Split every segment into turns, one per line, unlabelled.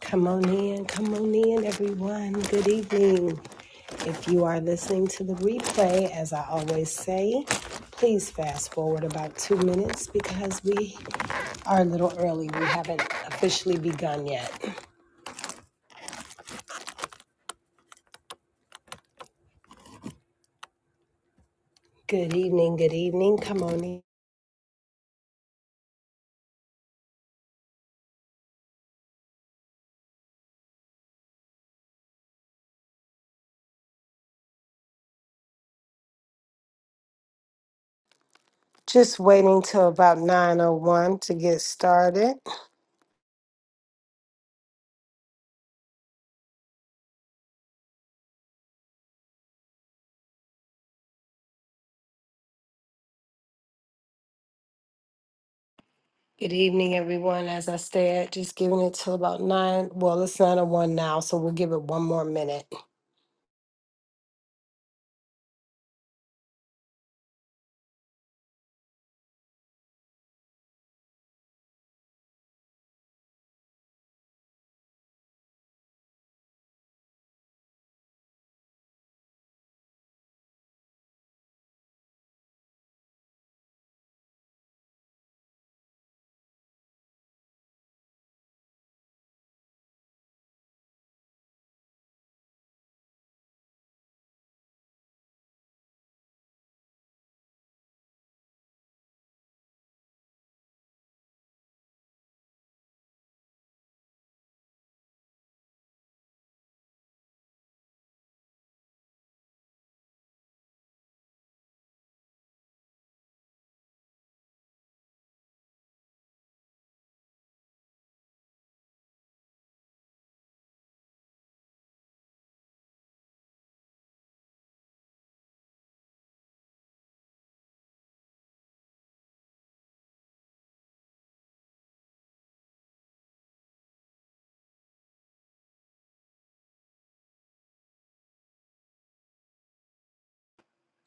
Come on in, come on in, everyone. Good evening. If you are listening to the replay, as I always say, please fast forward about two minutes because we are a little early. We haven't officially begun yet. Good evening, good evening. Come on in. Just waiting till about 9.01 to get started. Good evening, everyone. As I said, just giving it till about 9. Well, it's 9.01 now, so we'll give it one more minute.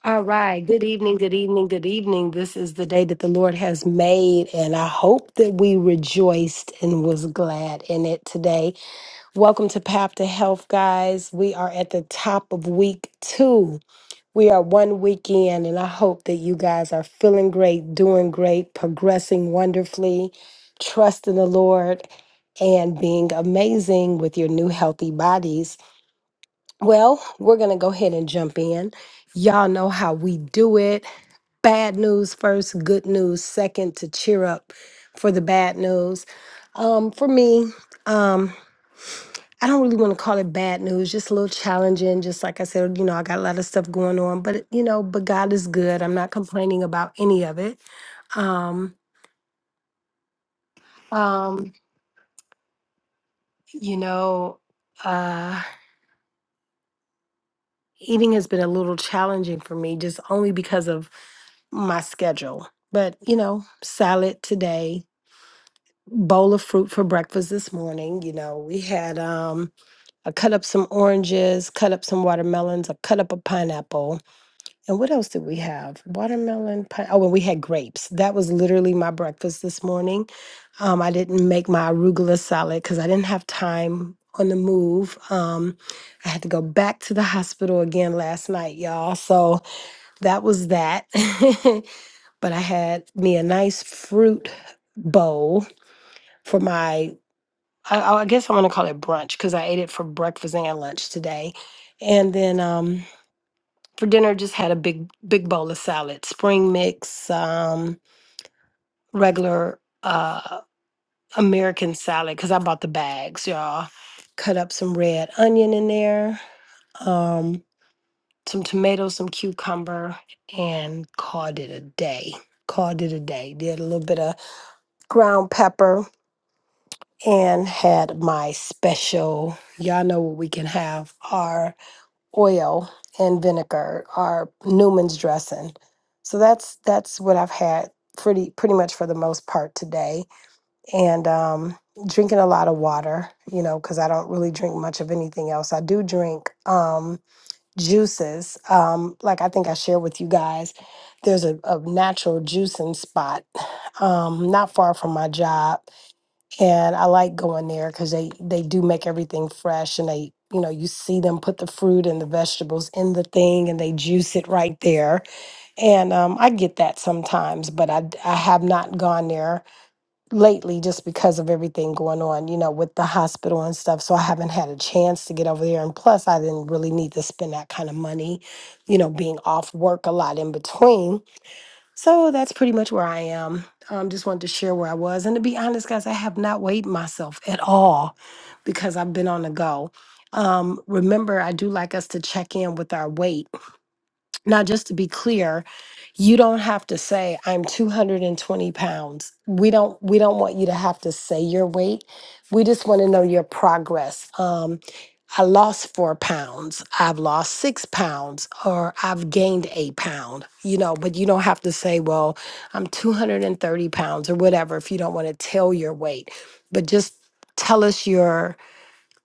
All right. Good evening. Good evening. Good evening. This is the day that the Lord has made, and I hope that we rejoiced and was glad in it today. Welcome to Path to Health, guys. We are at the top of week two. We are one weekend, and I hope that you guys are feeling great, doing great, progressing wonderfully, trusting the Lord, and being amazing with your new healthy bodies. Well, we're going to go ahead and jump in. Y'all know how we do it bad news first, good news second to cheer up for the bad news. Um, for me, um, I don't really want to call it bad news, just a little challenging. Just like I said, you know, I got a lot of stuff going on, but you know, but God is good. I'm not complaining about any of it. Um, um, you know, uh, eating has been a little challenging for me just only because of my schedule. But, you know, salad today, bowl of fruit for breakfast this morning. You know, we had um I cut up some oranges, cut up some watermelons, I cut up a pineapple. And what else did we have? Watermelon, pine oh, and we had grapes. That was literally my breakfast this morning. Um, I didn't make my arugula salad because I didn't have time on the move. Um, I had to go back to the hospital again last night, y'all. So that was that. but I had me a nice fruit bowl for my I, I guess I'm gonna call it brunch because I ate it for breakfast and lunch today, and then um, for dinner just had a big big bowl of salad, spring mix, um, regular uh, American salad because I bought the bags, y'all. Cut up some red onion in there, um, some tomatoes, some cucumber, and called it a day. Called it a day. Did a little bit of ground pepper and had my special. Y'all know what we can have. oil and vinegar or Newman's dressing. So that's that's what I've had pretty pretty much for the most part today, and um, drinking a lot of water. You know, because I don't really drink much of anything else. I do drink um, juices. Um, like I think I shared with you guys, there's a, a natural juicing spot um, not far from my job and I like going there because they they do make everything fresh, and they you know you see them put the fruit and the vegetables in the thing, and they juice it right there. And um, I get that sometimes, but I d- I have not gone there lately just because of everything going on, you know, with the hospital and stuff. So I haven't had a chance to get over there, and plus I didn't really need to spend that kind of money, you know, being off work a lot in between. So that's pretty much where I am. Um, just wanted to share where I was. And to be honest, guys, I have not weighed myself at all because I've been on the go. Um, remember, I do like us to check in with our weight now, just to be clear, you don't have to say I'm 220 pounds. We don't we don't want you to have to say your weight. We just want to know your progress. Um, I lost four pounds. I've lost six pounds, or I've gained eight pound. You know, but you don't have to say, well, I'm 230 pounds or whatever if you don't want to tell your weight. But just tell us your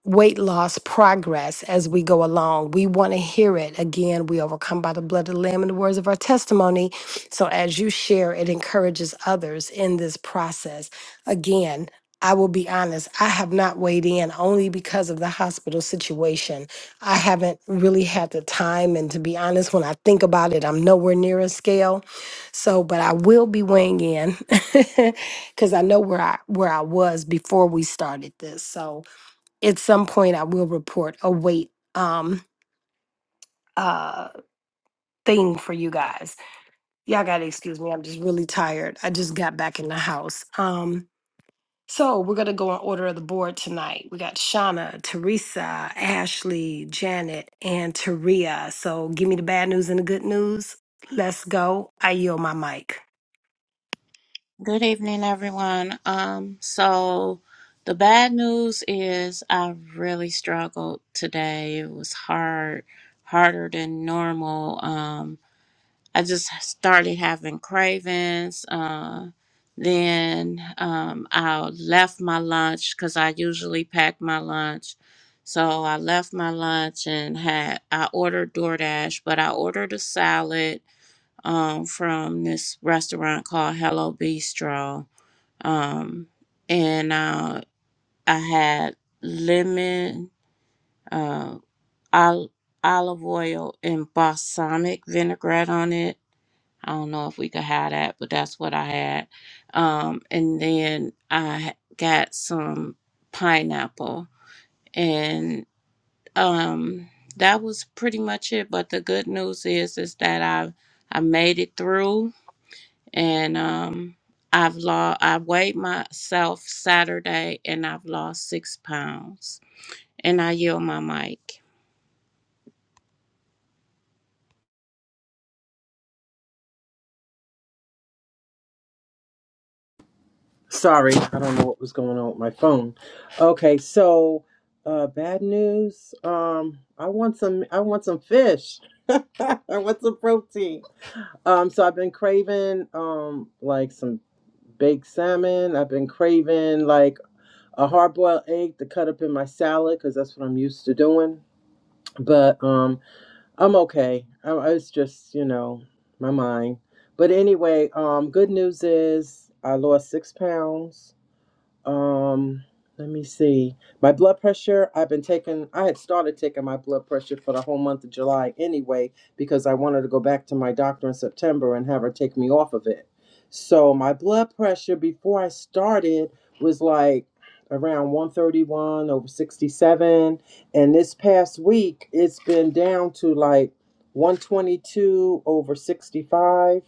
weight loss progress as we go along. We want to hear it. Again, we overcome by the blood of the Lamb and the words of our testimony. So as you share, it encourages others in this process. Again, I will be honest, I have not weighed in only because of the hospital situation. I haven't really had the time. And to be honest, when I think about it, I'm nowhere near a scale. So, but I will be weighing in because I know where I where I was before we started this. So at some point I will report a weight um uh thing for you guys. Y'all gotta excuse me. I'm just really tired. I just got back in the house. Um so we're gonna go in order of the board tonight. We got Shauna, Teresa, Ashley, Janet, and Taria. So give me the bad news and the good news. Let's go. I yield my mic.
Good evening, everyone. Um, so the bad news is I really struggled today. It was hard, harder than normal. Um, I just started having cravings. Uh, then um, I left my lunch because I usually pack my lunch. So I left my lunch and had I ordered DoorDash, but I ordered a salad um, from this restaurant called Hello Bistro um, and uh, I had lemon, uh, ol- olive oil, and balsamic vinaigrette on it. I don't know if we could have that, but that's what I had. Um, and then I got some pineapple, and um, that was pretty much it. But the good news is, is that I I made it through and um I've lost I weighed myself Saturday and I've lost six pounds. And I yield my mic.
Sorry, I don't know what was going on with my phone. Okay, so uh bad news. Um I want some I want some fish. I want some protein. Um so I've been craving um like some baked salmon. I've been craving like a hard-boiled egg to cut up in my salad cuz that's what I'm used to doing. But um I'm okay. I, I was just, you know, my mind. But anyway, um good news is I lost 6 pounds um, let me see. My blood pressure, I've been taking I had started taking my blood pressure for the whole month of July anyway because I wanted to go back to my doctor in September and have her take me off of it. So my blood pressure before I started was like around 131 over 67 and this past week it's been down to like 122 over 65.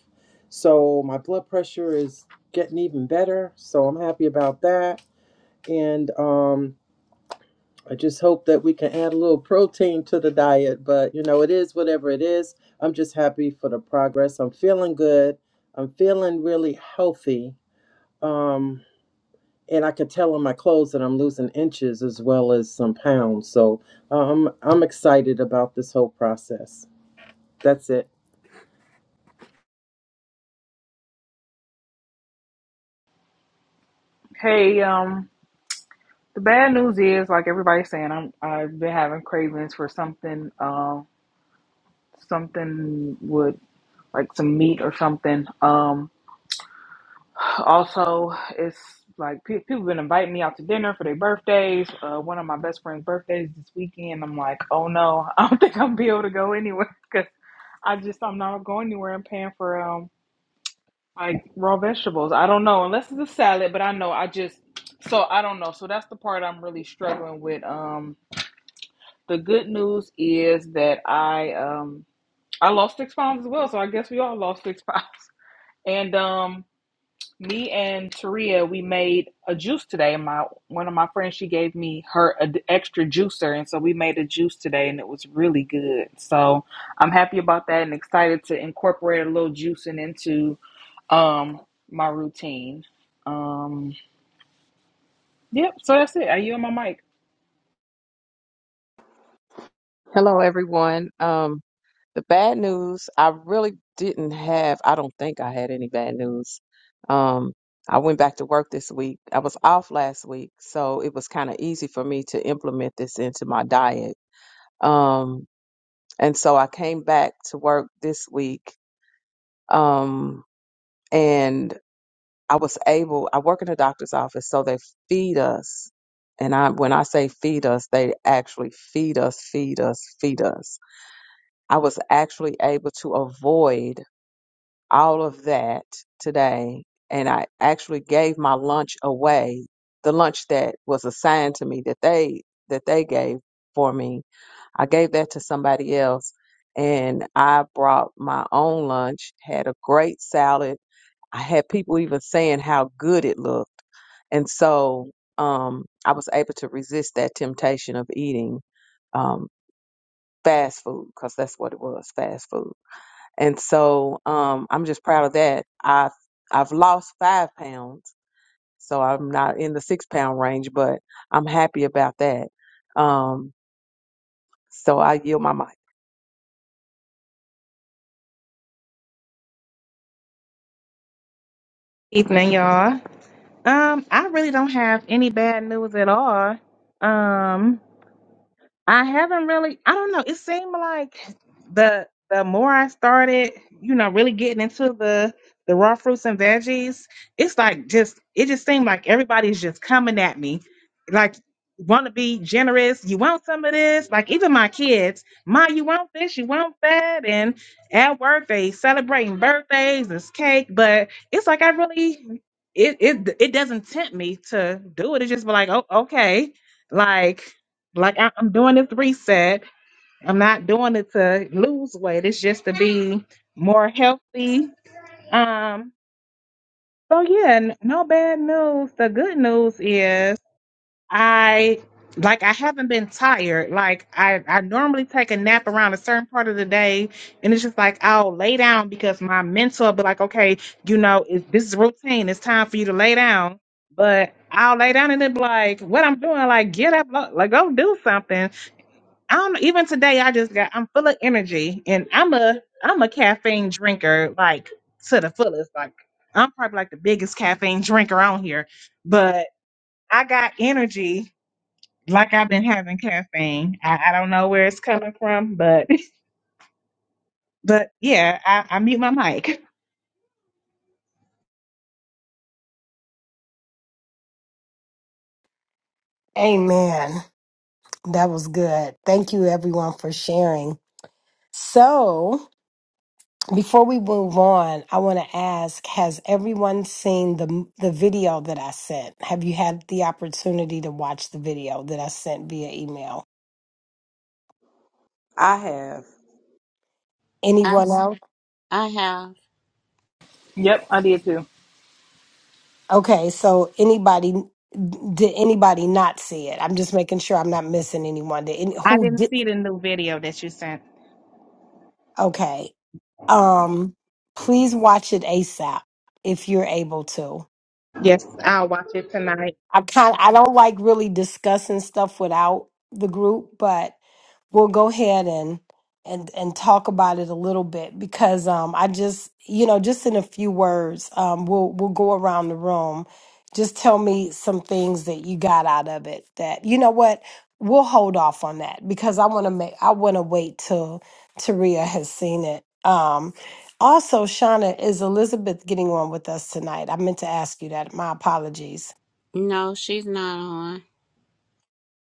So my blood pressure is getting even better. So I'm happy about that. And um, I just hope that we can add a little protein to the diet. But, you know, it is whatever it is. I'm just happy for the progress. I'm feeling good. I'm feeling really healthy. Um, and I could tell on my clothes that I'm losing inches as well as some pounds. So um, I'm excited about this whole process. That's it.
Hey, um, the bad news is, like everybody's saying, I'm I've been having cravings for something, um, something with like some meat or something. Um, also, it's like pe- people been inviting me out to dinner for their birthdays. Uh, one of my best friend's birthdays this weekend. I'm like, oh no, I don't think I'm be able to go anywhere because I just I'm not going anywhere. I'm paying for um like raw vegetables. I don't know unless it's a salad, but I know I just so I don't know. So that's the part I'm really struggling with. Um The good news is that I um I lost six pounds as well, so I guess we all lost six pounds. And um me and Taria, we made a juice today. My one of my friends, she gave me her ad- extra juicer, and so we made a juice today, and it was really good. So I'm happy about that, and excited to incorporate a little juicing into um my routine. Um, yep. So that's it. Are you on my mic?
Hello, everyone. Um, the bad news, I really didn't have, I don't think I had any bad news. Um, I went back to work this week. I was off last week, so it was kind of easy for me to implement this into my diet. Um, and so I came back to work this week, um, and I was able, I work in a doctor's office, so they feed us. And I, when I say feed us, they actually feed us, feed us, feed us I was actually able to avoid all of that today. And I actually gave my lunch away, the lunch that was assigned to me that they that they gave for me. I gave that to somebody else and I brought my own lunch, had a great salad. I had people even saying how good it looked. And so um, I was able to resist that temptation of eating um, fast food because that's what it was, fast food and so um, I'm just proud of that. I've I've lost five pounds, so I'm not in the six pound range, but I'm happy about that. Um, so I yield my mic.
Evening, y'all. Um, I really don't have any bad news at all. Um, I haven't really. I don't know. It seemed like the the more I started, you know, really getting into the the raw fruits and veggies, it's like just it just seemed like everybody's just coming at me, like want to be generous. You want some of this? Like even my kids, ma, you want this? You want that? And at work they celebrating birthdays, it's cake, but it's like I really. It, it it doesn't tempt me to do it. It's just be like, oh, okay, like like I, I'm doing this reset. I'm not doing it to lose weight. It's just to be more healthy. Um. So yeah, n- no bad news. The good news is I like I haven't been tired. Like I I normally take a nap around a certain part of the day, and it's just like I'll lay down because my mental will be like, okay, you know, it, this is routine. It's time for you to lay down. But I'll lay down and it be like, what I'm doing, like get up, lo- like go do something. I don't even today I just got I'm full of energy and I'm a I'm a caffeine drinker like to the fullest. Like I'm probably like the biggest caffeine drinker on here. But I got energy like I've been having caffeine. I, I don't know where it's coming from, but but yeah, I, I mute my mic.
Amen. That was good. Thank you everyone for sharing. So Before we move on, I want to ask, has everyone seen the the video that I sent? Have you had the opportunity to watch the video that I sent via email?
I have,
I,
Anyone else?
I have.
Yep, I did too.
Okay, so anybody did anybody not see it? I'm just making sure I'm not missing anyone. Did any,
I
who
didn't
did
see the new video that you sent.
Okay. Um please watch it ASAP if you're able to.
Yes, I'll watch it tonight.
I kind I don't like really discussing stuff without the group, but we'll go ahead and and and talk about it a little bit because um I just you know just in a few words um we'll we'll go around the room just tell me some things that you got out of it that you know what we'll hold off on that because I want to make I want to wait till Taria has seen it um also Shauna is Elizabeth getting on with us tonight I meant to ask you that my apologies
No, she's not on.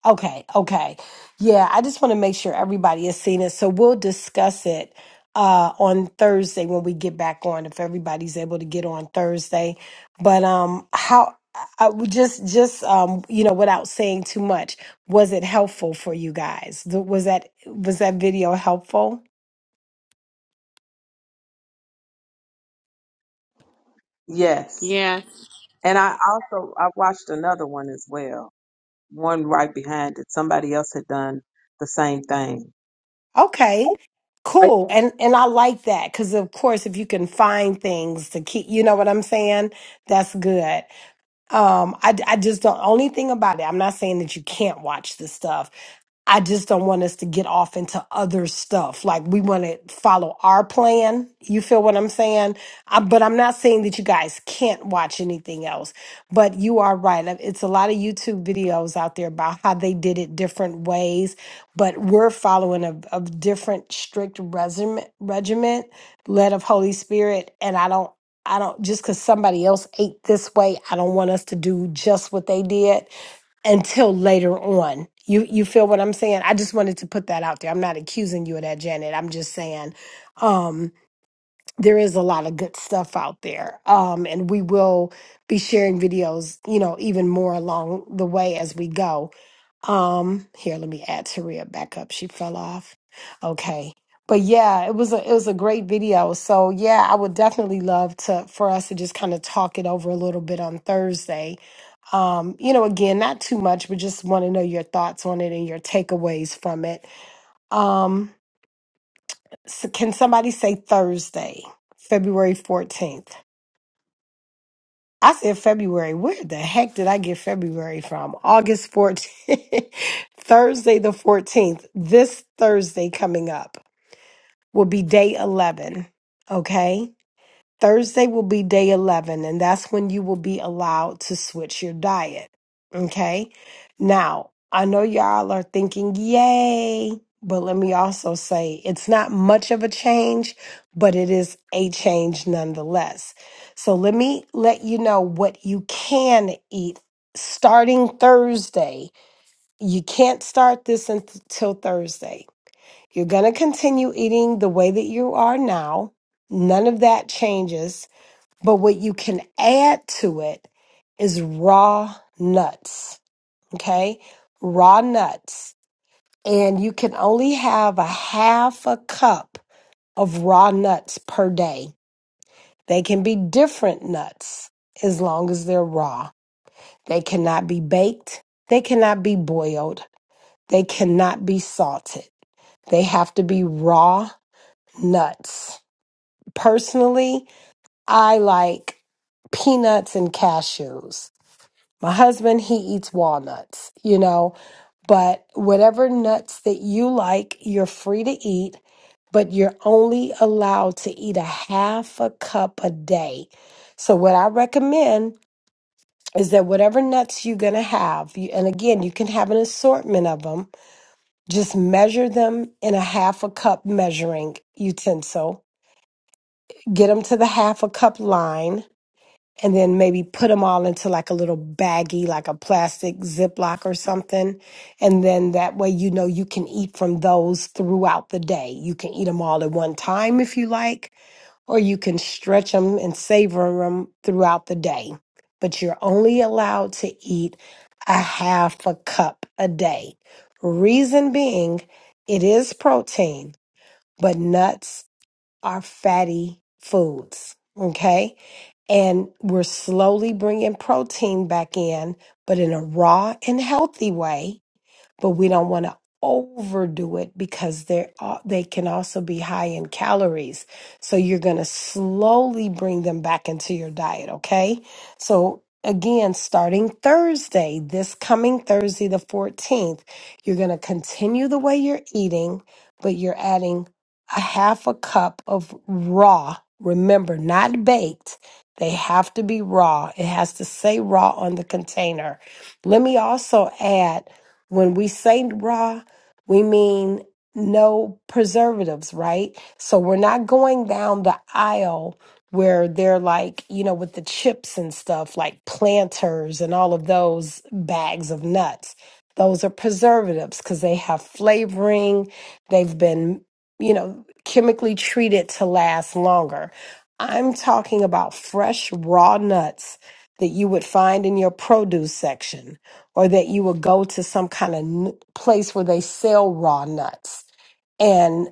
Okay, okay. Yeah, I just want to make sure everybody has seen it. So we'll discuss it uh on Thursday when we get back on if everybody's able to get on Thursday. But um how I would just just um you know without saying too much, was it helpful for you guys? Th- Was that was that video helpful?
yes.
Yes.
And I also I watched another one as well. one right behind it. Somebody else had done the same thing.
Okay.
I
Cool. And and I like that cuz of course if you can find things to keep, you know what I'm saying? That's good. Um, I, I just don't. Only thing about it, I'm not saying that you can't watch this stuff. I just don't want us to get off into other stuff. Like we want to follow our plan. You feel what I'm saying? Uh, but I'm not saying that you guys can't watch anything else. But you are right. Uh, It's a lot of YouTube videos out there about how they did it different ways. But we're following a, a different strict resume, regiment led of Holy Spirit. And I don't. I don't just because somebody else ate this way, I don't want us to do just what they did until later on. You you feel what I'm saying? I just wanted to put that out there. I'm not accusing you of that, Janet. I'm just saying um, there is a lot of good stuff out there. Um, and we will be sharing videos, you know, even more along the way as we go. Um, here, let me add Taria back up. She fell off. Okay. But yeah, it was a it was a great video. So yeah, I would definitely love to for us to just kind of talk it over a little bit on Thursday. Um, you know, again, not too much, but just want to know your thoughts on it and your takeaways from it. Um, so can somebody say Thursday, February 14th? I said February. Where the heck did I get February from? August 14th, Thursday the 14th. This Thursday coming up will be day 11. Okay. Thursday will be day 11, and that's when you will be allowed to switch your diet. Okay. Now, I know y'all are thinking, yay, but let me also say it's not much of a change, but it is a change nonetheless. So let me let you know what you can eat starting Thursday. You can't start this until Thursday. You're going to continue eating the way that you are now. None of that changes but what you can add to it is raw nuts, okay? Raw nuts. And you can only have a half a cup of raw nuts per day. They can be different nuts as long as they're raw. They cannot be baked. They cannot be boiled. They cannot be salted. They have to be raw nuts. Personally, I like peanuts and cashews. My husband, he eats walnuts, you know, but whatever nuts that you like, you're free to eat, but you're only allowed to eat a half a cup a day. So, what I recommend is that whatever nuts you're going to have, you, and again, you can have an assortment of them, just measure them in a half a cup measuring utensil, get them to the half a cup line and then maybe put them all into like a little baggie, like a plastic Ziploc or something. And then that way, you know, you can eat from those throughout the day. You can eat them all at one time if you like, or you can stretch them and savor them throughout the day. But you're only allowed to eat a half a cup a day. Reason being, it is protein, but nuts are fatty foods. Okay and we're slowly bringing protein back in, but in a raw and healthy way but we don't want to overdo it because they're al- they can also be high in calories. So you're going to slowly bring them back into your diet, okay? So again, starting Thursday, this coming Thursday the 14th, you're going to continue the way you're eating, but you're adding a half a cup of raw, remember, not baked. They have to be raw. It has to say raw on the container. Let me also add when we say raw, we mean no preservatives, right? So we're not going down the aisle where they're like, you know, with the chips and stuff, like planters and all of those bags of nuts. Those are preservatives because they have flavoring. They've been, you know, chemically treated to last longer. I'm talking about fresh, raw nuts that you would find in your produce section or that you will go to some kind of n- place where they sell raw nuts and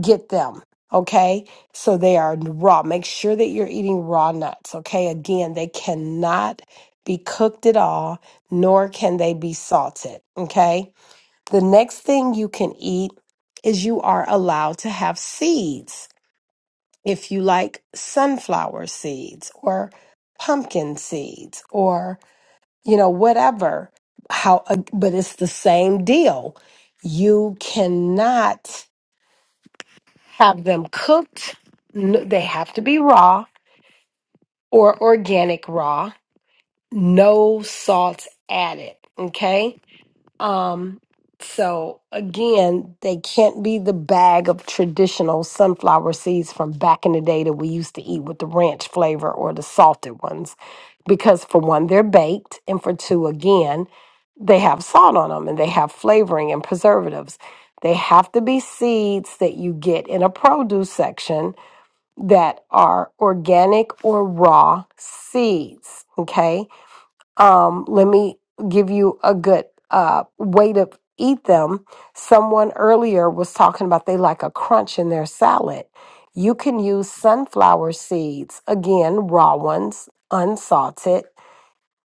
get them. Okay. So they are raw. Make sure that you're eating raw nuts. Okay. Again, they cannot be cooked at all, nor can they be salted. Okay. The next thing you can eat is you are allowed to have seeds. If you like sunflower seeds or pumpkin seeds or you know, whatever. How, uh, but it's the same deal. You cannot have them cooked. N- They have to be raw or organic raw, no salts added. Okay. Um, so again, they can't be the bag of traditional sunflower seeds from back in the day that we used to eat with the ranch flavor or the salted ones, because for one, they're baked, and for two, again, they have salt on them and they have flavoring and preservatives. They have to be seeds that you get in a produce section that are organic or raw seeds. Okay um, let me give you a good uh, way to eat them. Someone earlier was talking about they like a crunch in their salad. You can use sunflower seeds, again, raw ones, unsalted,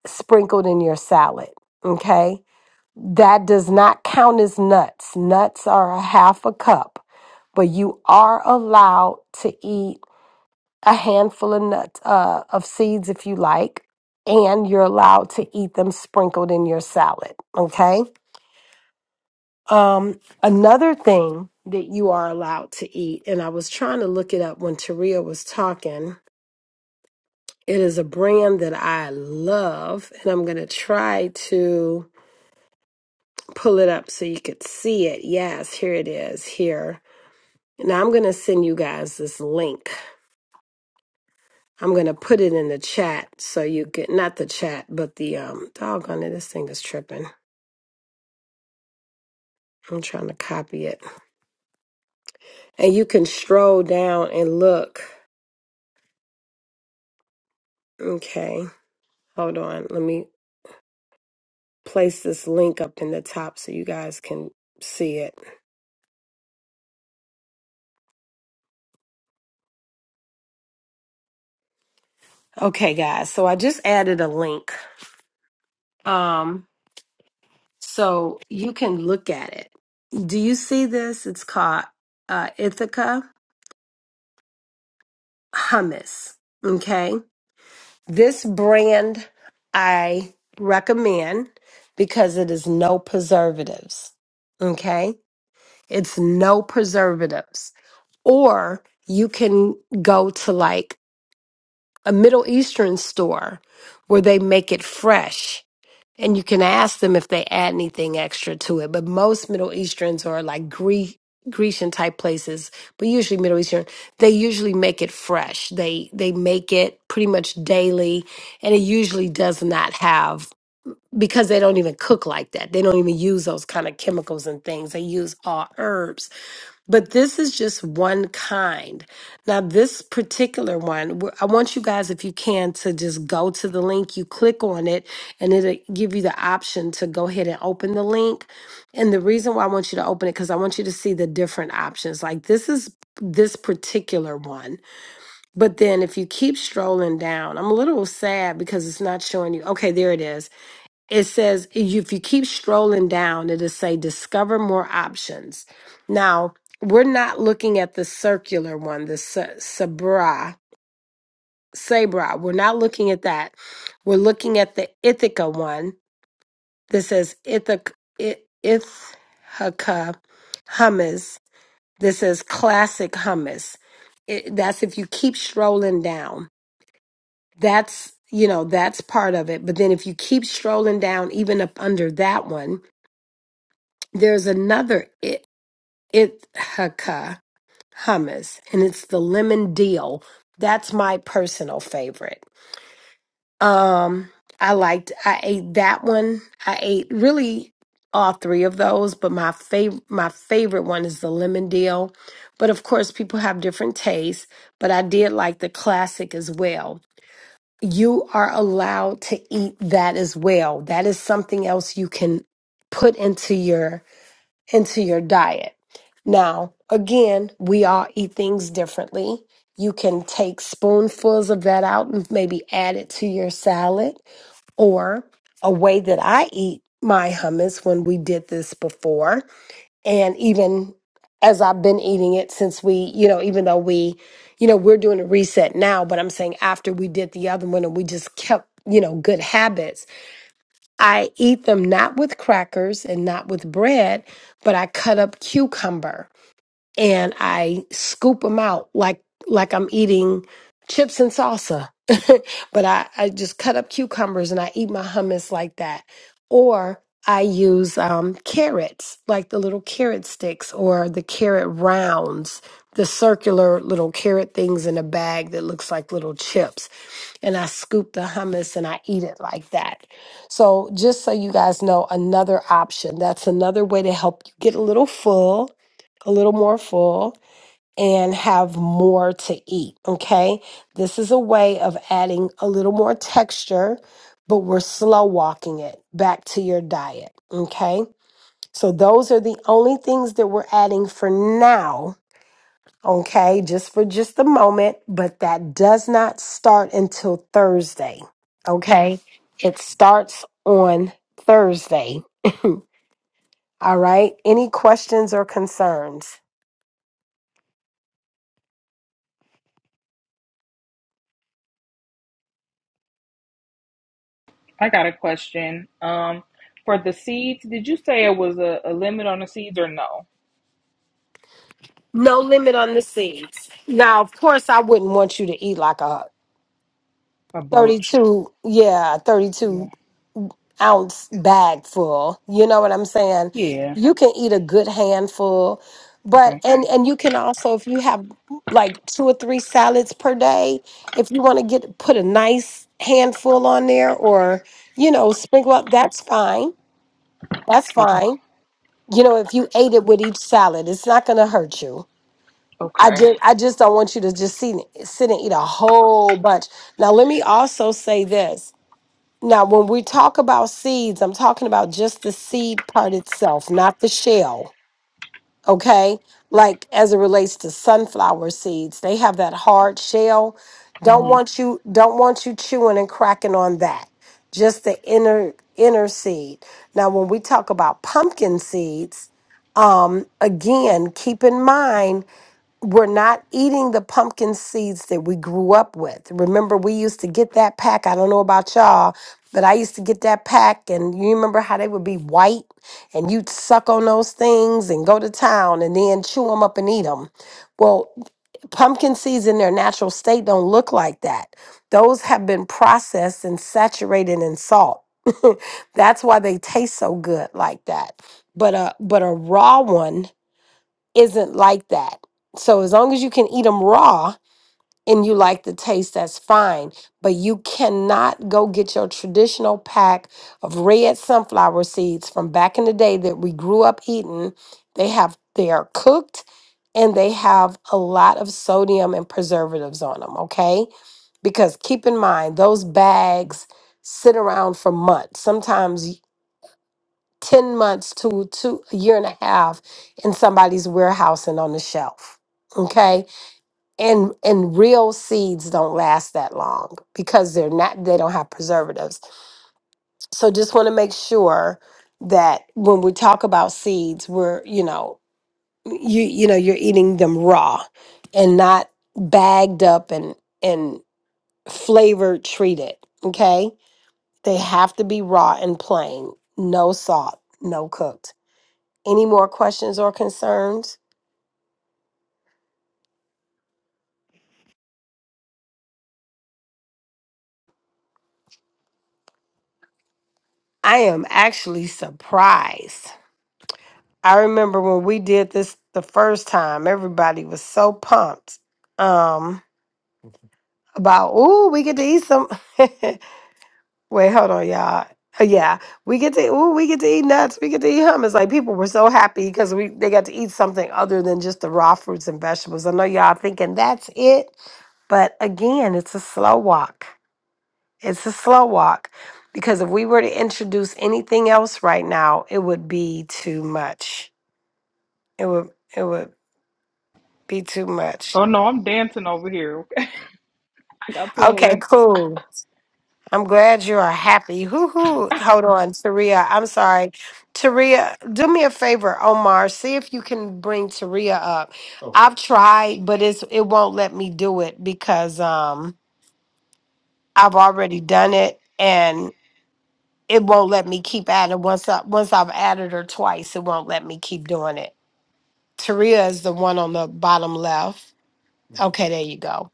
sprinkled in your salad. Okay. That does not count as nuts. Nuts are a half a cup, but you are allowed to eat a handful of nuts uh, of seeds if you like and you're allowed to eat them sprinkled in your salad okay um, another thing that you are allowed to eat and i was trying to look it up when Taria was talking it is a brand that i love and i'm going to try to pull it up so you could see it yes here it is here now i'm going to send you guys this link I'm gonna put it in the chat so you get not the chat, but the um doggone it, this thing is tripping. I'm trying to copy it. And you can stroll down and look. Okay, hold on. Let me place this link up in the top so you guys can see it. Okay, guys. So I just added a link. Um, so you can look at it. Do you see this? It's called uh Ithaca Hummus. Okay. This brand I recommend because it is no preservatives. Okay? It's no preservatives. Or you can go to like a Middle Eastern store where they make it fresh and you can ask them if they add anything extra to it. But most Middle Easterns or like Greek Grecian type places, but usually Middle Eastern, they usually make it fresh. They they make it pretty much daily and it usually does not have because they don't even cook like that. They don't even use those kind of chemicals and things. They use all herbs but this is just one kind. Now, this particular one, we're- I want you guys, if you can, to just go to the link. You click on it, and it'll give you the option to go ahead and open the link. And the reason why I want you to open it, because I want you to see the different options. Like this is this particular one. But then if you keep strolling down, I'm a little sad because it's not showing you. Okay, there it is it says if you keep strolling down it'll say discover more options now we're not looking at the circular one the sa- sabra sabra we're not looking at that we're looking at the ithaca one that says ithaca I- ithaca hummus this is classic hummus it, that's if you keep strolling down that's you know that's part of it but then if you keep strolling down even up under that one There's another I- Ithaca hummus, and it's the lemon deal. That's my personal favorite. Um, I liked. I ate that one. I ate really all three of those, but my favorite my favorite one is the lemon deal. But of course, people have different tastes. But I did like the classic as well. You are allowed to eat that as well. That is something else you can put into your into your diet. Now, again, we all eat things differently. You can take spoonfuls of that out and maybe add it to your salad. Or a way that I eat my hummus when we did this before, and even as I've been eating it since we, you know, even though we, you know, we're doing a reset now, but I'm saying after we did the other one and we just kept, you know, good habits I eat them not with crackers and not with bread, but I cut up cucumber and I scoop them out like like I'm eating chips and salsa. but I, I just cut up cucumbers and I eat my hummus like that. Or I use um, carrots, like the little carrot sticks or the carrot rounds, the circular little carrot things in a bag that looks like little chips and I scoop the hummus and I eat it like that. So, just so you guys know, another option that's another way to help you get a little full, a little more full, and have more to eat. Okay. This is a way of adding a little more texture, but we're slow walking it back to your diet. Okay. So, those are the only things that we're adding for now okay, just for just a moment, but that does not start until Thursday, okay? It starts on Thursday, all right? Any questions or concerns?
I got a question. Um, for the seeds, did you say it was a, a limit on the seeds or no?
No limit on the seeds. Now, of course, I wouldn't want you to eat like a
A bunch.
32, yeah,
Yeah.
32 ounce bag full. You know what I'm saying?
Yeah.
You can eat a good handful, but
Okay.
and and you can also if you have like two or three salads per day, if you want to get put a nice handful on there or you know sprinkle up, that's fine. That's
Okay.
fine. You know, if you ate it with each salad, it's not going to hurt you. I
Okay.
just I just don't want you to just sit sit and eat a whole bunch. Now let me also say this. Now, when we talk about seeds, I'm talking about just the seed part itself, not the shell. Okay. Like as it relates to sunflower seeds, they have that hard shell. Don't
hmm
want you, don't want you chewing and cracking on that. Just the inner, inner seed. Now, when we talk about pumpkin seeds, um, again, keep in mind we're not eating the pumpkin seeds that we grew up with. Remember, we used to get that pack. I don't know about y'all, but I used to get that pack, and you remember how they would be white, and you'd suck on those things and go to town and then chew them up and eat them. Well, pumpkin seeds in their natural state don't look like that. Those have been processed and saturated in salt. That's why they taste so good like that. But a but a raw one isn't like that. So as long as you can eat them raw and you like the taste, that's fine. But you cannot go get your traditional pack of red sunflower seeds from back in the day that we grew up eating. They have they are cooked and they have a lot of sodium and preservatives on them, okay? Because keep in mind those bags sit around for months. Sometimes 10 months to two a year and a half in somebody's warehouse and on the shelf okay and and real seeds don't last that long because they're not they don't have preservatives so just want to make sure that when we talk about seeds we're you know you you know you're eating them raw and not bagged up and and flavored treated okay they have to be raw and plain no salt no cooked Any more questions or concerns? I am actually surprised. I remember when we did this the first time, everybody was so pumped um, about, ooh, we get to eat some. Wait, hold on, y'all. Uh, Yeah, we get to, ooh, we get to eat nuts. We get to eat hummus. Like people were so happy because we they got to eat something other than just the raw fruits and vegetables. I know y'all thinking that's it, but again, it's a slow walk. It's a slow walk because if we were to introduce anything else right now, it would be too much. It would it would be too much.
Oh no, I'm dancing over here. Okay. I got
Okay,
plans.
cool. I'm glad you are happy. Hoo hoo. Hold on, Taria. I'm sorry. Taria, do me a favor, Omar. See if you can bring Taria up. Okay. I've tried, but it's it won't let me do it because um I've already done it and. it won't let me keep adding once I once I've added her twice, it won't let me keep doing it. Taria is the one on the bottom left. Okay, there you go.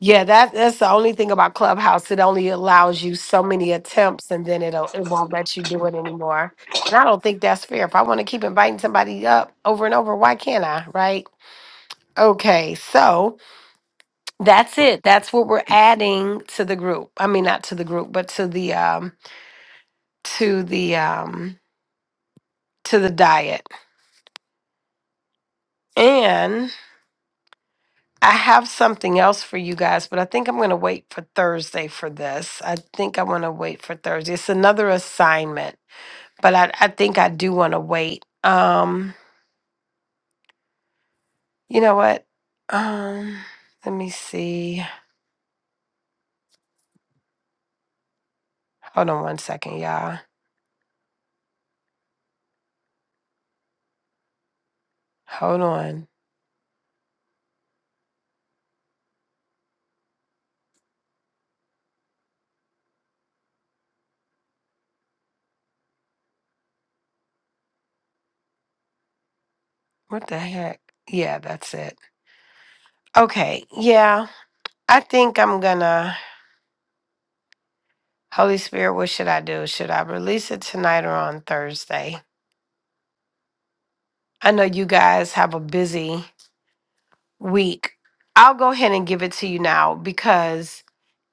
Yeah, that that's the only thing about Clubhouse. It only allows you so many attempts and then it'll it won't let you do it anymore. And I don't think that's fair. If I want to keep inviting somebody up over and over, why can't I? Right? Okay, so that's it. That's what we're adding to the group. I mean not to the group, but to the um to the um to the diet. And I have something else for you guys, but I think I'm going to wait for Thursday for this. I think I want to wait for Thursday. It's another assignment, but I, I think I do want to wait. Um, you know what? Um, let me see. Hold on one second, y'all. Hold on. What the heck? Yeah, that's it. Okay. Yeah, I think I'm gonna. Holy Spirit, what should I do? Should I release it tonight or on Thursday? I know you guys have a busy week. I'll go ahead and give it to you now because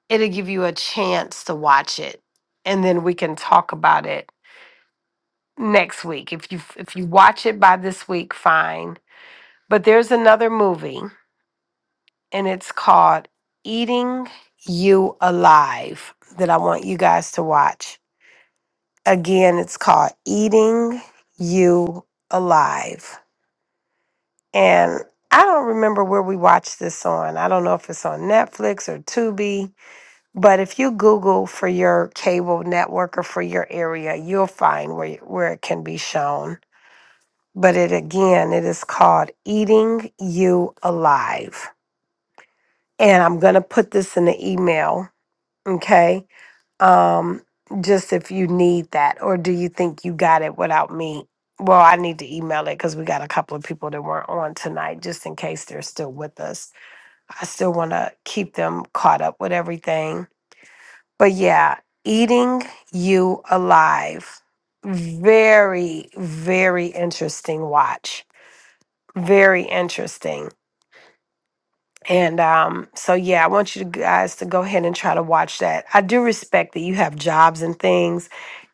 it'll give you a chance to watch it and then we can talk about it next week. If you if you watch it by this week, fine. But there's another movie and it's called Eating You Alive that I want you guys to watch. Again, it's called Eating You Alive. And I don't remember where we watched this on. I don't know if it's on Netflix or Tubi But if you Google for your cable network or for your area, you'll find where, where it can be shown. But it again, it is called Eating You Alive. And I'm going to put this in the email, okay? Um, just if you need that, or do you think you got it without me? Well, I need to email it because we got a couple of people that weren't on tonight, just in case they're still with us. I still want to keep them caught up with everything But yeah, eating you alive. Very, very interesting watch. Very interesting. And um, so yeah, I want you guys to go ahead and try to watch that. I do respect that you have jobs and things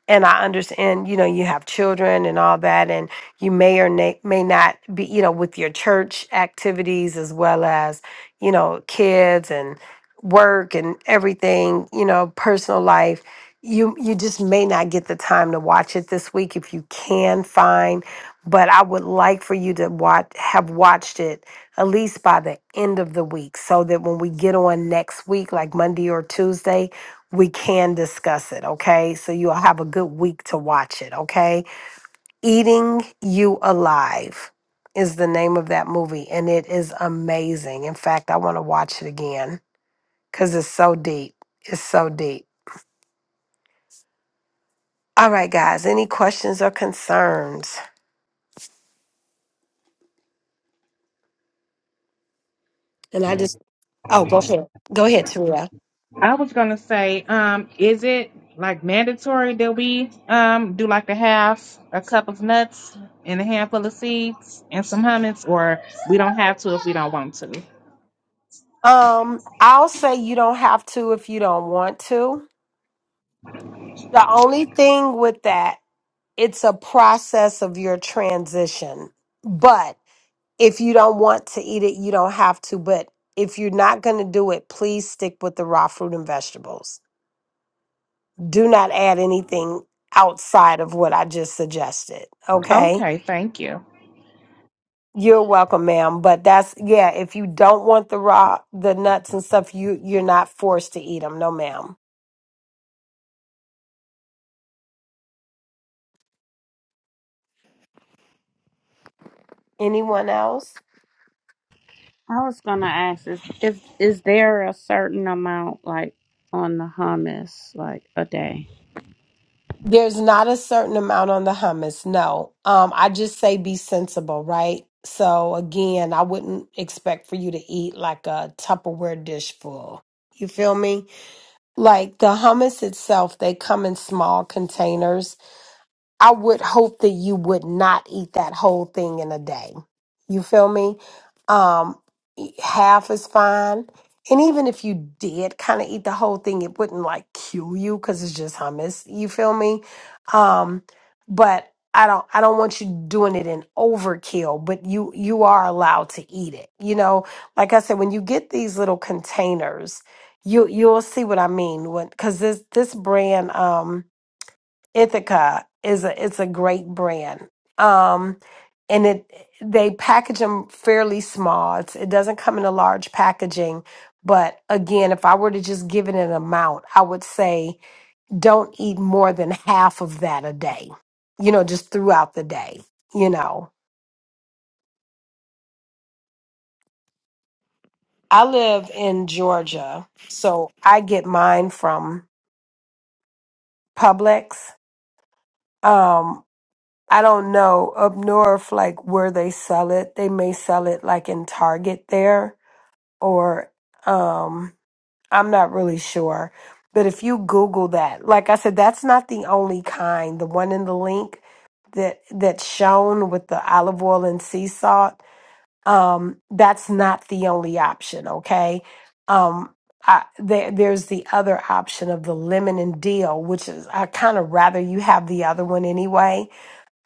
and I understand, you know, you have children and all that, and you may or na- may not be, you know, with your church activities as well as, you know, kids and work and everything, you know, personal life. You you just may not get the time to watch it this week if you can find, but I would like for you to watch have watched it at least by the end of the week, so that when we get on next week, like Monday or Tuesday, we can discuss it, okay? So you'll have a good week to watch it, okay? Eating You Alive is the name of that movie, and it is amazing. In fact, I want to watch it again because it's so deep. It's so deep. All right, guys, any questions or concerns? And I just, oh, go ahead. Go ahead, Tria.
I was gonna say, um, is it like mandatory that we um do like the half a cup of nuts and a handful of seeds and some hummus, or we don't have to if we don't want to?
Um, I'll say you don't have to if you don't want to. The only thing with that, it's a process of your transition. But If you don't want to eat it, you don't have to. But if you're not going to do it, please stick with the raw fruit and vegetables. Do not add anything outside of what I just suggested. Okay.
Okay, thank you.
You're welcome, ma'am. But that's yeah. If you don't want the raw, the nuts and stuff, you you're not forced to eat them. No, ma'am. Anyone else?
I was gonna ask is if is there a certain amount like on the hummus like a day?
There's not a certain amount on the hummus. No. Um, I just say be sensible, right? So again, I wouldn't expect for you to eat like a Tupperware dish full. You feel me? Like the hummus itself, they come in small containers I would hope that you would not eat that whole thing in a day. You feel me? Um, e, half is fine. And even if you did kind of eat the whole thing, it wouldn't like kill you because it's just hummus. You feel me? Um, but I don't I don't want you doing it in overkill, but you you are allowed to eat it. You know, like I said, when you get these little containers, you you'll see what I mean. When because this this brand um Ithaca is a it's a great brand. Um and it they package them fairly small. It's, it doesn't come in a large packaging, but again, if I were to just give it an amount, I would say don't eat more than half of that a day. You know, just throughout the day, you know. I live in Georgia, so I get mine from Publix. Um, I don't know up north, like where they sell it. They may sell it like in Target there, or um, I'm not really sure. But if you Google that, like I said, that's not the only kind. The one in the link that that's shown with the olive oil and sea salt, um, that's not the only option. Okay, um, I, there, there's the other option of the lemon and dill, which is I kind of rather you have the other one anyway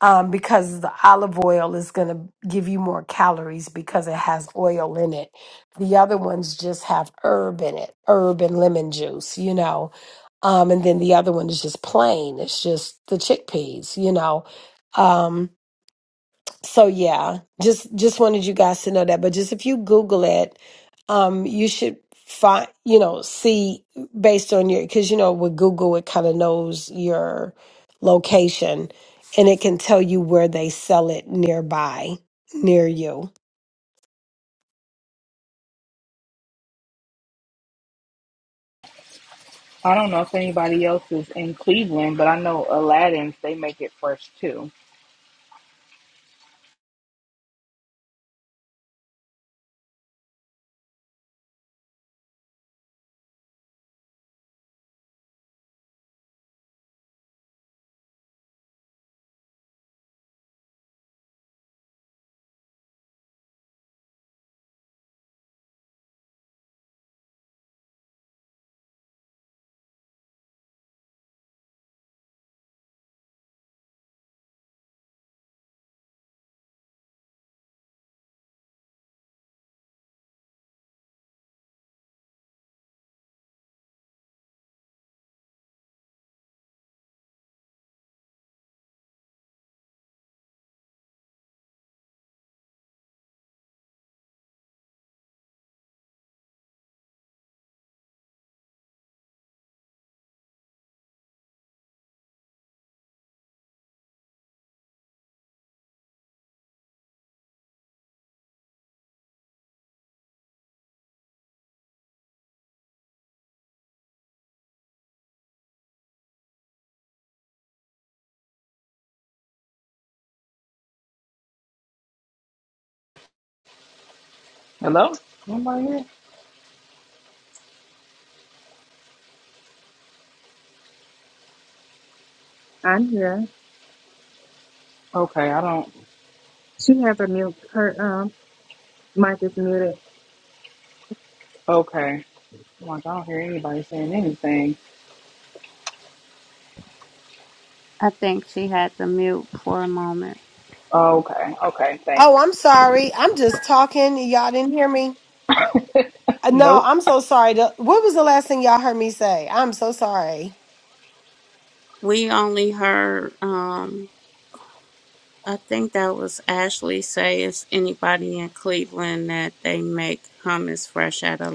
um, because the olive oil is going to give you more calories because it has oil in it. The other ones just have herb in it, herb and lemon juice, you know. Um, and then the other one is just plain. It's just the chickpeas, you know. Um, so yeah just just wanted you guys to know that but just if you google it um you should find you know see based on your because you know with google it kind of knows your location and it can tell you where they sell it nearby near you
I don't know if anybody else is in Cleveland, but I know Aladdin's they make it fresh too. Hello? Nobody here?
I'm here.
Okay, I don't
She has a mute. Her um mic is muted.
okay. Like I don't hear anybody saying anything.
I think she had to mute for a moment.
Okay, okay,
oh
thanks.
i'm sorry i'm just talking y'all didn't hear me Uh, no
Nope.
i'm so sorry The- what was the last thing y'all heard me say i'm so sorry
We only heard um I think that was Ashley say if anybody in Cleveland that they make hummus fresh out of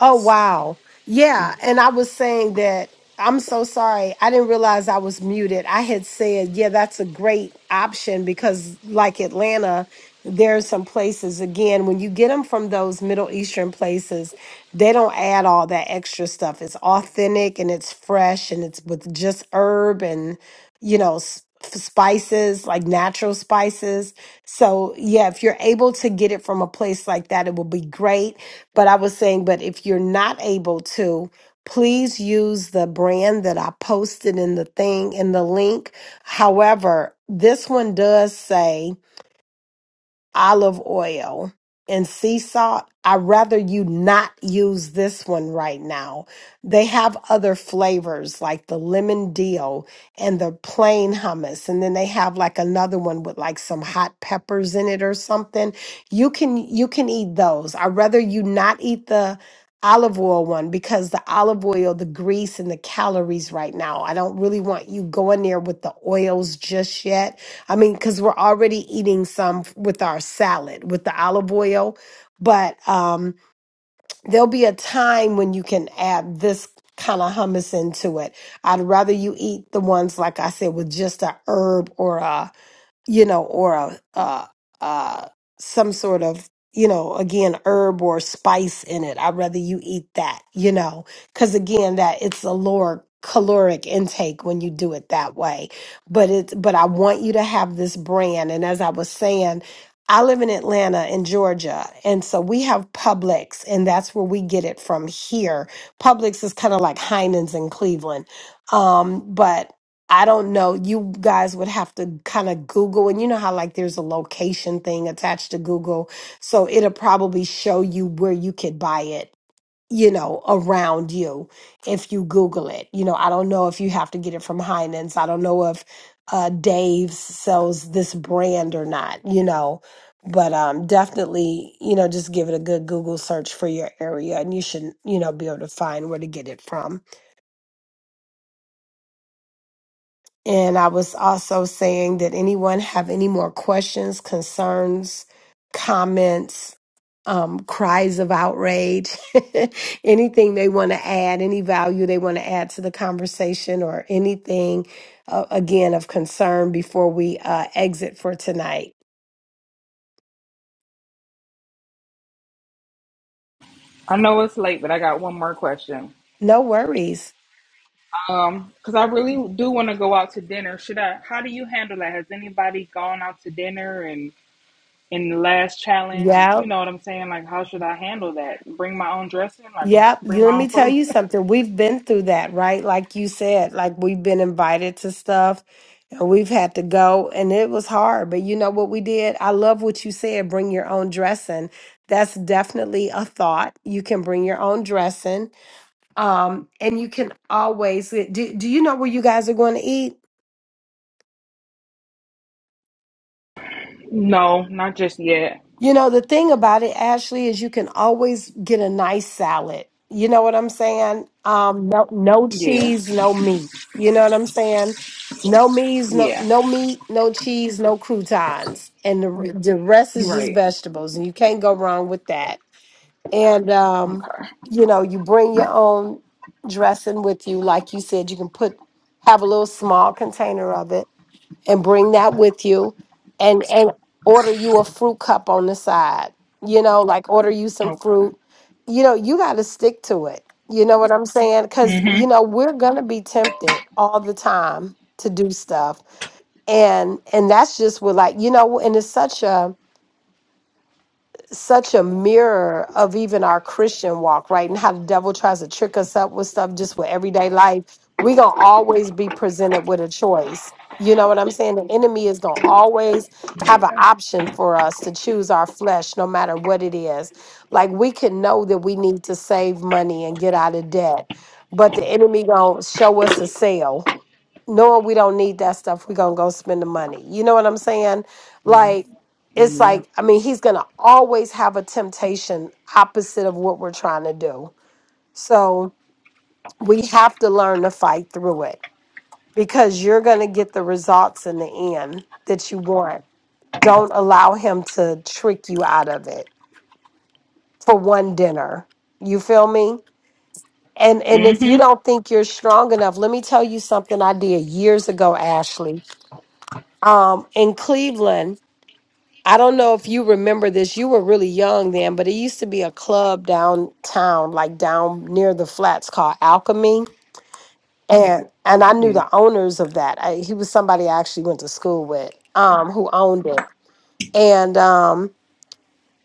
Oh, wow. Yeah. And I was saying that I'm so sorry. I didn't realize I was muted. I had said, yeah, that's a great option because, like Atlanta, there are some places, again, when you get them from those Middle Eastern places, they don't add all that extra stuff. It's authentic and it's fresh and it's with just herb and, you know, s- spices, like natural spices. So, yeah, if you're able to get it from a place like that, it will be great but I was saying, but if you're not able to, please use the brand that I posted in the thing in the link. However, this one does say olive oil and sea salt. I'd rather you not use this one right now. They have other flavors like the lemon deal and the plain hummus. And then they have like another one with like some hot peppers in it or something. You can you can eat those. I'd rather you not eat the olive oil one because the olive oil, the grease and the calories right now. I don't really want you going there with the oils just yet I mean, because we're already eating some f- with our salad, with the olive oil. But um, there'll be a time when you can add this kind of hummus into it. I'd rather you eat the ones, like I said, with just a herb or a you know, or a, uh, uh, some sort of, you know, again, herb or spice in it. I'd rather you eat that, you know, because again, that it's a lower caloric intake when you do it that way. But it's, but I want you to have this brand. And as I was saying, I live in Atlanta in Georgia. And so we have Publix and that's where we get it from here. Publix is kind of like Heinen's in Cleveland. Um, but I don't know. You guys would have to kind of Google, and you know how, like, there's a location thing attached to Google. So it'll probably show you where you could buy it, you know, around you if you Google it. You know, I don't know if you have to get it from Heinen's. I don't know if uh, Dave's sells this brand or not, you know, but um, definitely, you know, just give it a good Google search for your area and you should, you know, be able to find where to get it from. And I was also saying that anyone have any more questions, concerns, comments, um, cries of outrage, anything they want to add, any value they want to add to the conversation, or anything uh, again of concern before we uh, exit for tonight.
I know it's late, but I got one more question.
No worries.
Um, because I really do want to go out to dinner. Should I? How do you handle that? Has anybody gone out to dinner and in the last challenge?
Yeah.
You know what I'm saying? Like, how should I handle that? Bring my own dressing? Like,
Yep.
bring
You-
my
Let me
own
tell
food?
you something. We've been through that, right? Like you said, like we've been invited to stuff and we've had to go and it was hard. But you know what we did? I love what you said. Bring your own dressing. That's definitely a thought. You can bring your own dressing. Um, and you can always do, do you know where you guys are going to eat?
No, not just yet.
You know, the thing about it, Ashley, is you can always get a nice salad. You know what I'm saying? Um, no, no
Yeah,
cheese, no meat. You know what I'm saying? No meats, no
yeah,
no meat, no cheese, no croutons, and the re- the rest is just
right.
vegetables, and you can't go wrong with that. And um,
Okay,
you know, you bring your own dressing with you, like you said, you can put have a little small container of it and bring that with you and and order you a fruit cup on the side you know like order you some
okay.
fruit you know you got to stick to it you know what i'm saying because you
Mhm.
know we're gonna be tempted all the time to do stuff and and that's just what like you know and it's such a such a mirror of even our Christian walk, right? And how the devil tries to trick us up with stuff just with everyday life. We're going to always be presented with a choice. You know what I'm saying? The enemy is going to always have an
Yeah.
option for us to choose our flesh, no matter what it is. Like we can know that we need to save money and get out of debt, but the enemy going to show us a sale knowing we don't need that stuff, we're gonna go spend the money. You know what I'm saying?
Mhm.
Like, it's
Yeah.
like, I mean, he's gonna always have a temptation opposite of what we're trying to do. So we have to learn to fight through it because you're gonna get the results in the end that you want. Don't allow him to trick you out of it for one dinner. You feel me? And and if you
Mhm.
don't think you're strong enough, let me tell you something I did years ago, Ashley um, in Cleveland. I don't know if you remember this. You were really young then, but it used to be a club downtown, like down near the flats called Alchemy. And and I
Oh
knew
yeah.
the owners of that. I, he was somebody I actually went to school with, um, who owned it. And um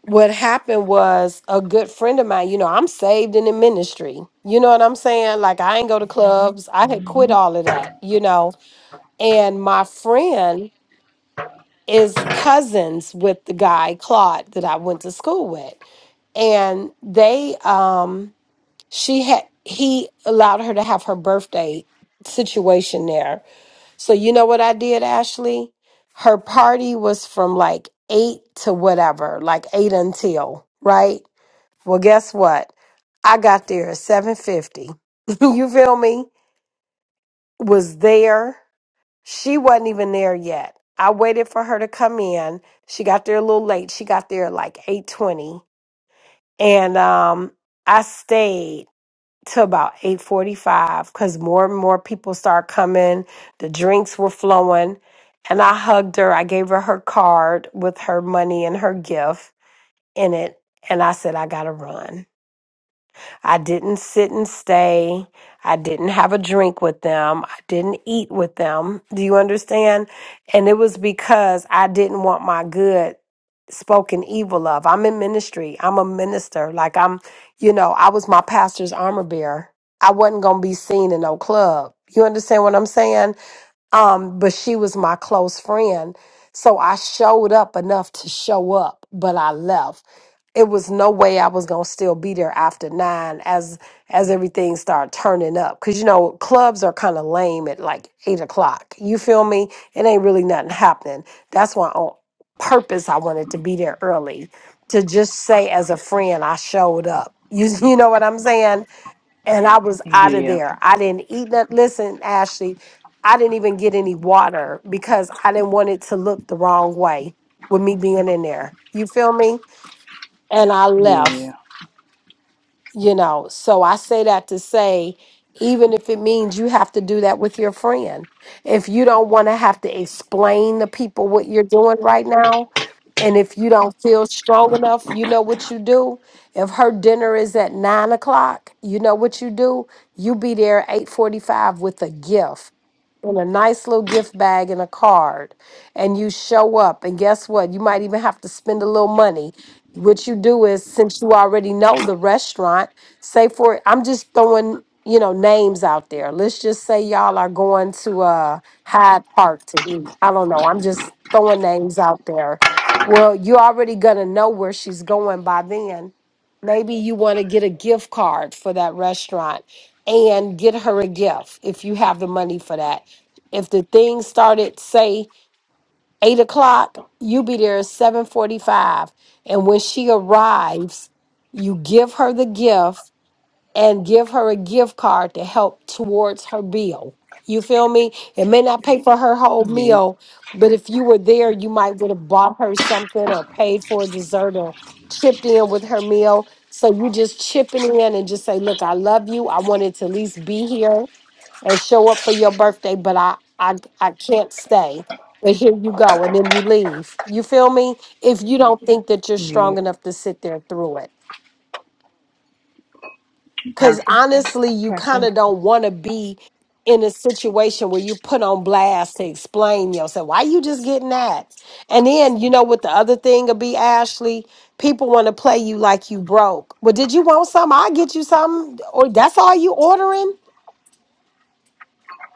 what happened was a good friend of mine, you know, I'm saved and in ministry. You know what I'm saying? Like I ain't go to Mhm. clubs. I had quit all of that, you know. And my friend is cousins with the guy Claude that I went to school with, and they um she had he allowed her to have her birthday situation there. So you know what I did, Ashley? Her party was from like eight to whatever, like eight until right. Well, guess what? I got there at seven fifty. you feel me? Was there. She wasn't even there yet. I waited for her to come in. She got there a little late. She got there at like 8:20 and um I stayed till about 8:45 cuz more and more people started coming. The drinks were flowing and I hugged her. I gave her her card with her money and her gift in it and I said I got to run. I didn't sit and stay. I didn't have a drink with them. I didn't eat with them. Do you understand? And it was because I didn't want my good spoken evil of. I'm in ministry. I'm a minister. Like I'm, you know, I was my pastor's armor bearer. I wasn't going to be seen in no club. You understand what I'm saying? Um, but she was my close friend. So I showed up enough to show up, but I left. It was no way I was gonna still be there after nine as as everything started turning up. Cause you know, clubs are kind of lame at like eight o'clock. You feel me? It ain't really nothing happening. That's why on purpose I wanted to be there early to just say as a friend I showed up. You you know what I'm saying? and I was out of
Yeah.
there. I didn't eat that. Listen, Ashley, I didn't even get any water because I didn't want it to look the wrong way with me being in there. You feel me? And I left
Yeah.
you know so i say that to say even if it means you have to do that with your friend if you don't want to have to explain to people what you're doing right now and if you don't feel strong enough you know what you do if her dinner is at nine o'clock you know what you do you be there at 8.45 with a gift in a nice little gift bag and a card and you show up and guess what you might even have to spend a little money what you do is since you already know the restaurant, say for I'm just throwing, you know, names out there. Let's just say y'all are going to uh Hyde Park to eat. I don't know. I'm just throwing names out there. Well, you already gonna know where she's going by then. Maybe you want to get a gift card for that restaurant and get her a gift if you have the money for that. If the thing started, say eight o'clock you be there at 7.45 and when she arrives you give her the gift and give her a gift card to help towards her bill you feel me it may not pay for her whole
Yeah.
meal but if you were there you might would have bought her something or paid for a dessert or chipped in with her meal so you just chipping in and just say look i love you i wanted to at least be here and show up for your birthday, but I I I can't stay. But here you go, and then you leave. You feel me? If you don't think that you're strong
Yeah.
enough to sit there through it,
Okay.
because honestly, you
Okay.
kind
Thank
of
you.
don't want to be in a situation where you put on blast to explain yourself. Why you just getting that? And then you know what the other thing would be, Ashley. People want to play you like you broke. Well, did you want something? I'll get you something. Or that's all you ordering?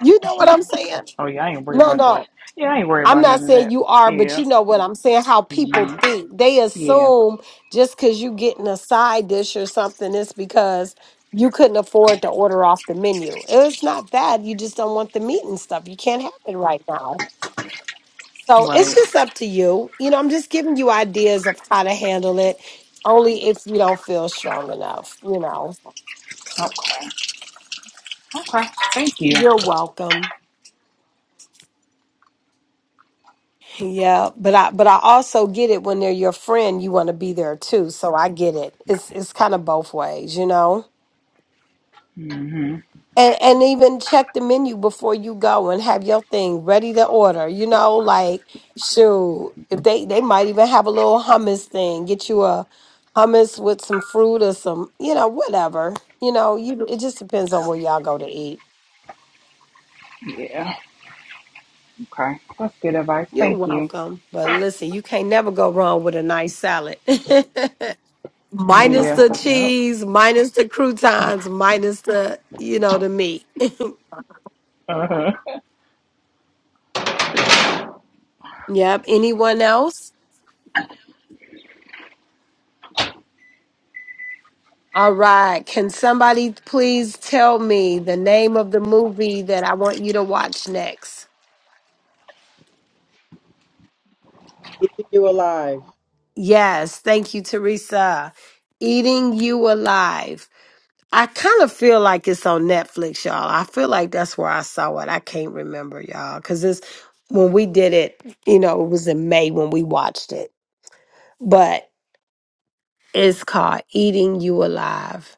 You know what I'm saying?
Oh yeah, I ain't worried
No,
about
no.
that. Yeah, I ain't worried
I'm
about
not
none of
saying
that.
you are,
Yeah.
but you know what I'm saying, how people
Mhm.
think. They
Yeah,
assume just because you getting a side dish or something, it's because you couldn't afford to order off the menu. It's not that. You just don't want the meat and stuff. You can't have it right now. So it's
right.
just up to you. You know, I'm just giving you ideas of how to handle it, only if you don't feel strong enough, you know.
Okay. Okay. Thank you.
You're welcome. Yeah, but I but I also get it when they're your friend, you want to be there too. So I get it. It's it's kind of both ways, you know.
hmm
And and even check the menu before you go and have your thing ready to order, you know, like shoot, if they they might even have a little hummus thing. Get you a hummus with some fruit or some, you know, whatever. You know, you it just depends on where y'all go to eat.
Yeah. Okay. That's good advice.
You're
Thank you.
welcome. But listen, you can't never go wrong with a nice salad. minus
Yeah.
the
Yep.
cheese, minus the croutons, minus the, you know, the meat.
Uh-huh.
Yep. Anyone else? All right. Can somebody please tell me the name of the movie that I want you to watch next?
keep you alive.
Yes. Thank you, Teresa. Eating You Alive. I kind of feel like it's on Netflix, y'all. I feel like that's where I saw it. I can't remember, y'all, because it's when we did it, you know, it was in May when we watched it. but. It's called Eating You Alive.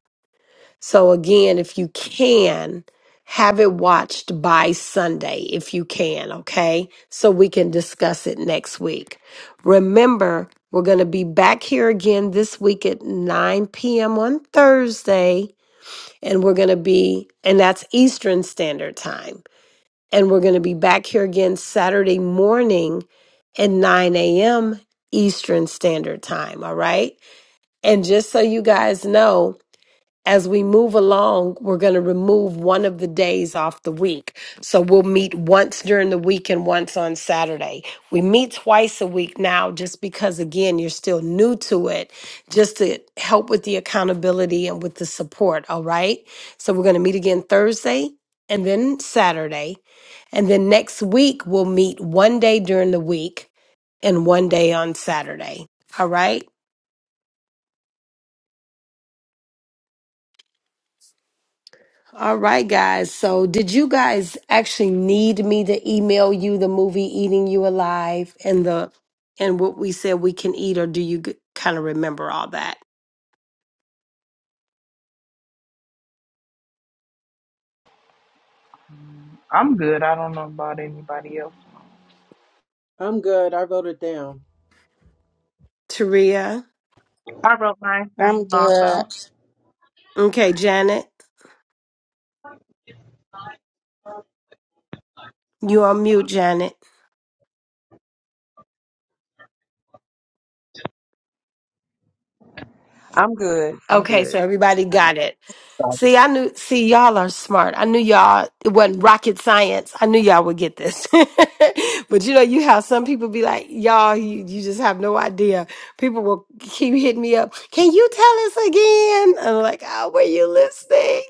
So, again, if you can, have it watched by Sunday, if you can, okay? So we can discuss it next week. Remember, we're going to be back here again this week at 9 p.m. on Thursday, and we're going to be, and that's Eastern Standard Time. And we're going to be back here again Saturday morning at 9 a.m. Eastern Standard Time, all right? And just so you guys know, as we move along, we're going to remove one of the days off the week. So we'll meet once during the week and once on Saturday. We meet twice a week now just because, again, you're still new to it, just to help with the accountability and with the support. All right. So we're going to meet again Thursday and then Saturday. And then next week, we'll meet one day during the week and one day on Saturday. All right. All right, guys. So, did you guys actually need me to email you the movie "Eating You Alive" and the and what we said we can eat, or do you kind of remember all that,
I'm good. I don't know about anybody else.
I'm good. I wrote it down.
Taria?
I wrote mine
I'm
down also.
good.
Okay, Janet, you on mute, Janet.
I'm good. I'm
Okay,
good.
so everybody got it.
Sorry.
See, I knew, see, y'all are smart. I knew y'all, it wasn't rocket science. I knew y'all would get this. but you know, you have some people be like, y'all, you, you just have no idea. People will keep hitting me up. Can you tell us again? And I'm like, oh, were you listening?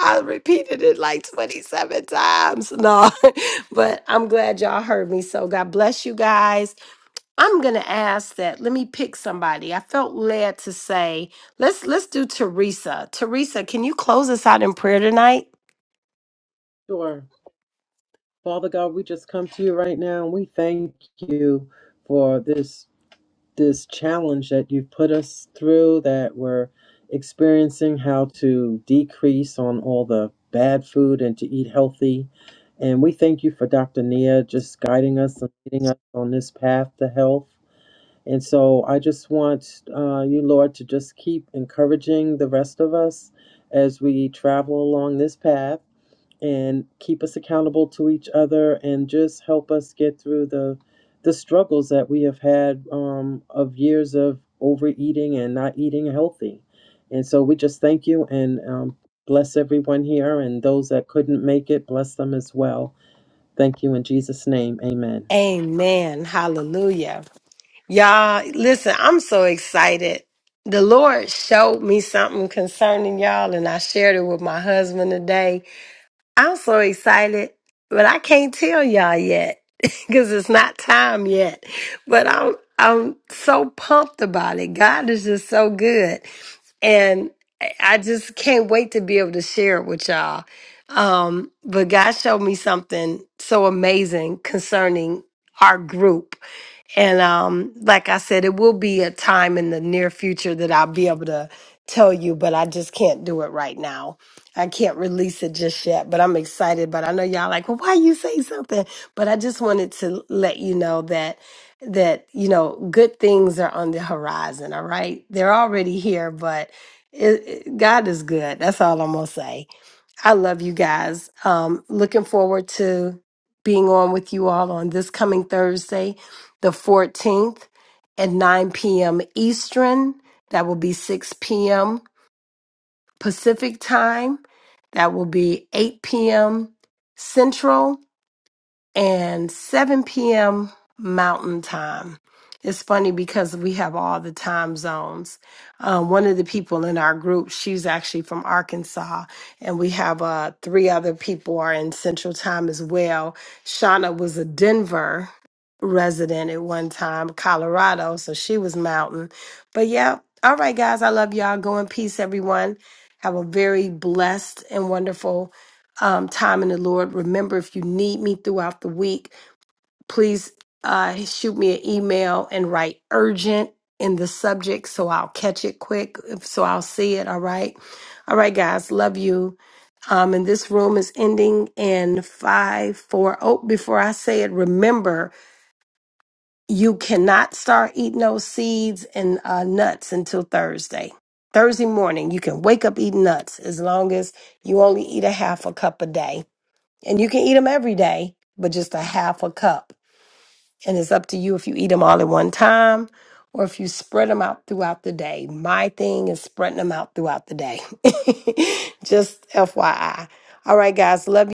I repeated it like 27 times. No, but I'm glad y'all heard me. So God bless you guys. I'm gonna ask that. Let me pick somebody. I felt led to say, let's let's do Teresa. Teresa, can you close us out in prayer tonight?
Sure. Father God, we just come to you right now and we thank you for this this challenge that you've put us through that we're experiencing how to decrease on all the bad food and to eat healthy. And we thank you for Dr. Nia just guiding us and leading us on this path to health. And so I just want uh, you, Lord, to just keep encouraging the rest of us as we travel along this path and keep us accountable to each other and just help us get through the the struggles that we have had um, of years of overeating and not eating healthy. And so we just thank you and um, bless everyone here and those that couldn't make it, bless them as well. Thank you in Jesus' name. Amen.
Amen. Hallelujah. Y'all, listen, I'm so excited. The Lord showed me something concerning y'all, and I shared it with my husband today. I'm so excited, but I can't tell y'all yet because it's not time yet. But I'm I'm so pumped about it. God is just so good. and I I just can't wait to be able to share it with y'all. Um, but God showed me something so amazing concerning our group and um, like I said, it will be a time in the near future that I'll be able to tell you, but I just can't do it right now. I can't release it just yet, but I'm excited. But I know y'all like, well, why you say something? But I just wanted to let you know that that you know good things are on the horizon. All right, they're already here, but it, it- God is good. That's all I'm gonna say. I love you guys. Um, looking forward to being on with you all on this coming Thursday, the 14th at 9 p.m. Eastern. That will be 6 p.m. Pacific time. That will be 8 p.m. Central and 7 p.m. Mountain Time. It's funny because we have all the time zones. Um, one of the people in our group, she's actually from Arkansas, and we have uh, three other people are in Central Time as well. Shauna was a Denver resident at one time, Colorado, so she was Mountain. But yeah, all right, guys, I love y'all. Go in peace, everyone. Have a very blessed and wonderful um, time in the Lord. Remember, if you need me throughout the week, please uh, shoot me an email and write urgent in the subject so I'll catch it quick, so I'll see it. All right. All right, guys. Love you. Um, and this room is ending in five, four. Oh, before I say it, remember you cannot start eating those seeds and uh, nuts until Thursday. Thursday morning, you can wake up eating nuts as long as you only eat a half a cup a day and you can eat them every day, but just a half a cup. And it's up to you if you eat them all at one time or if you spread them out throughout the day. My thing is spreading them out throughout the day. just FYI. All right, guys. Love you.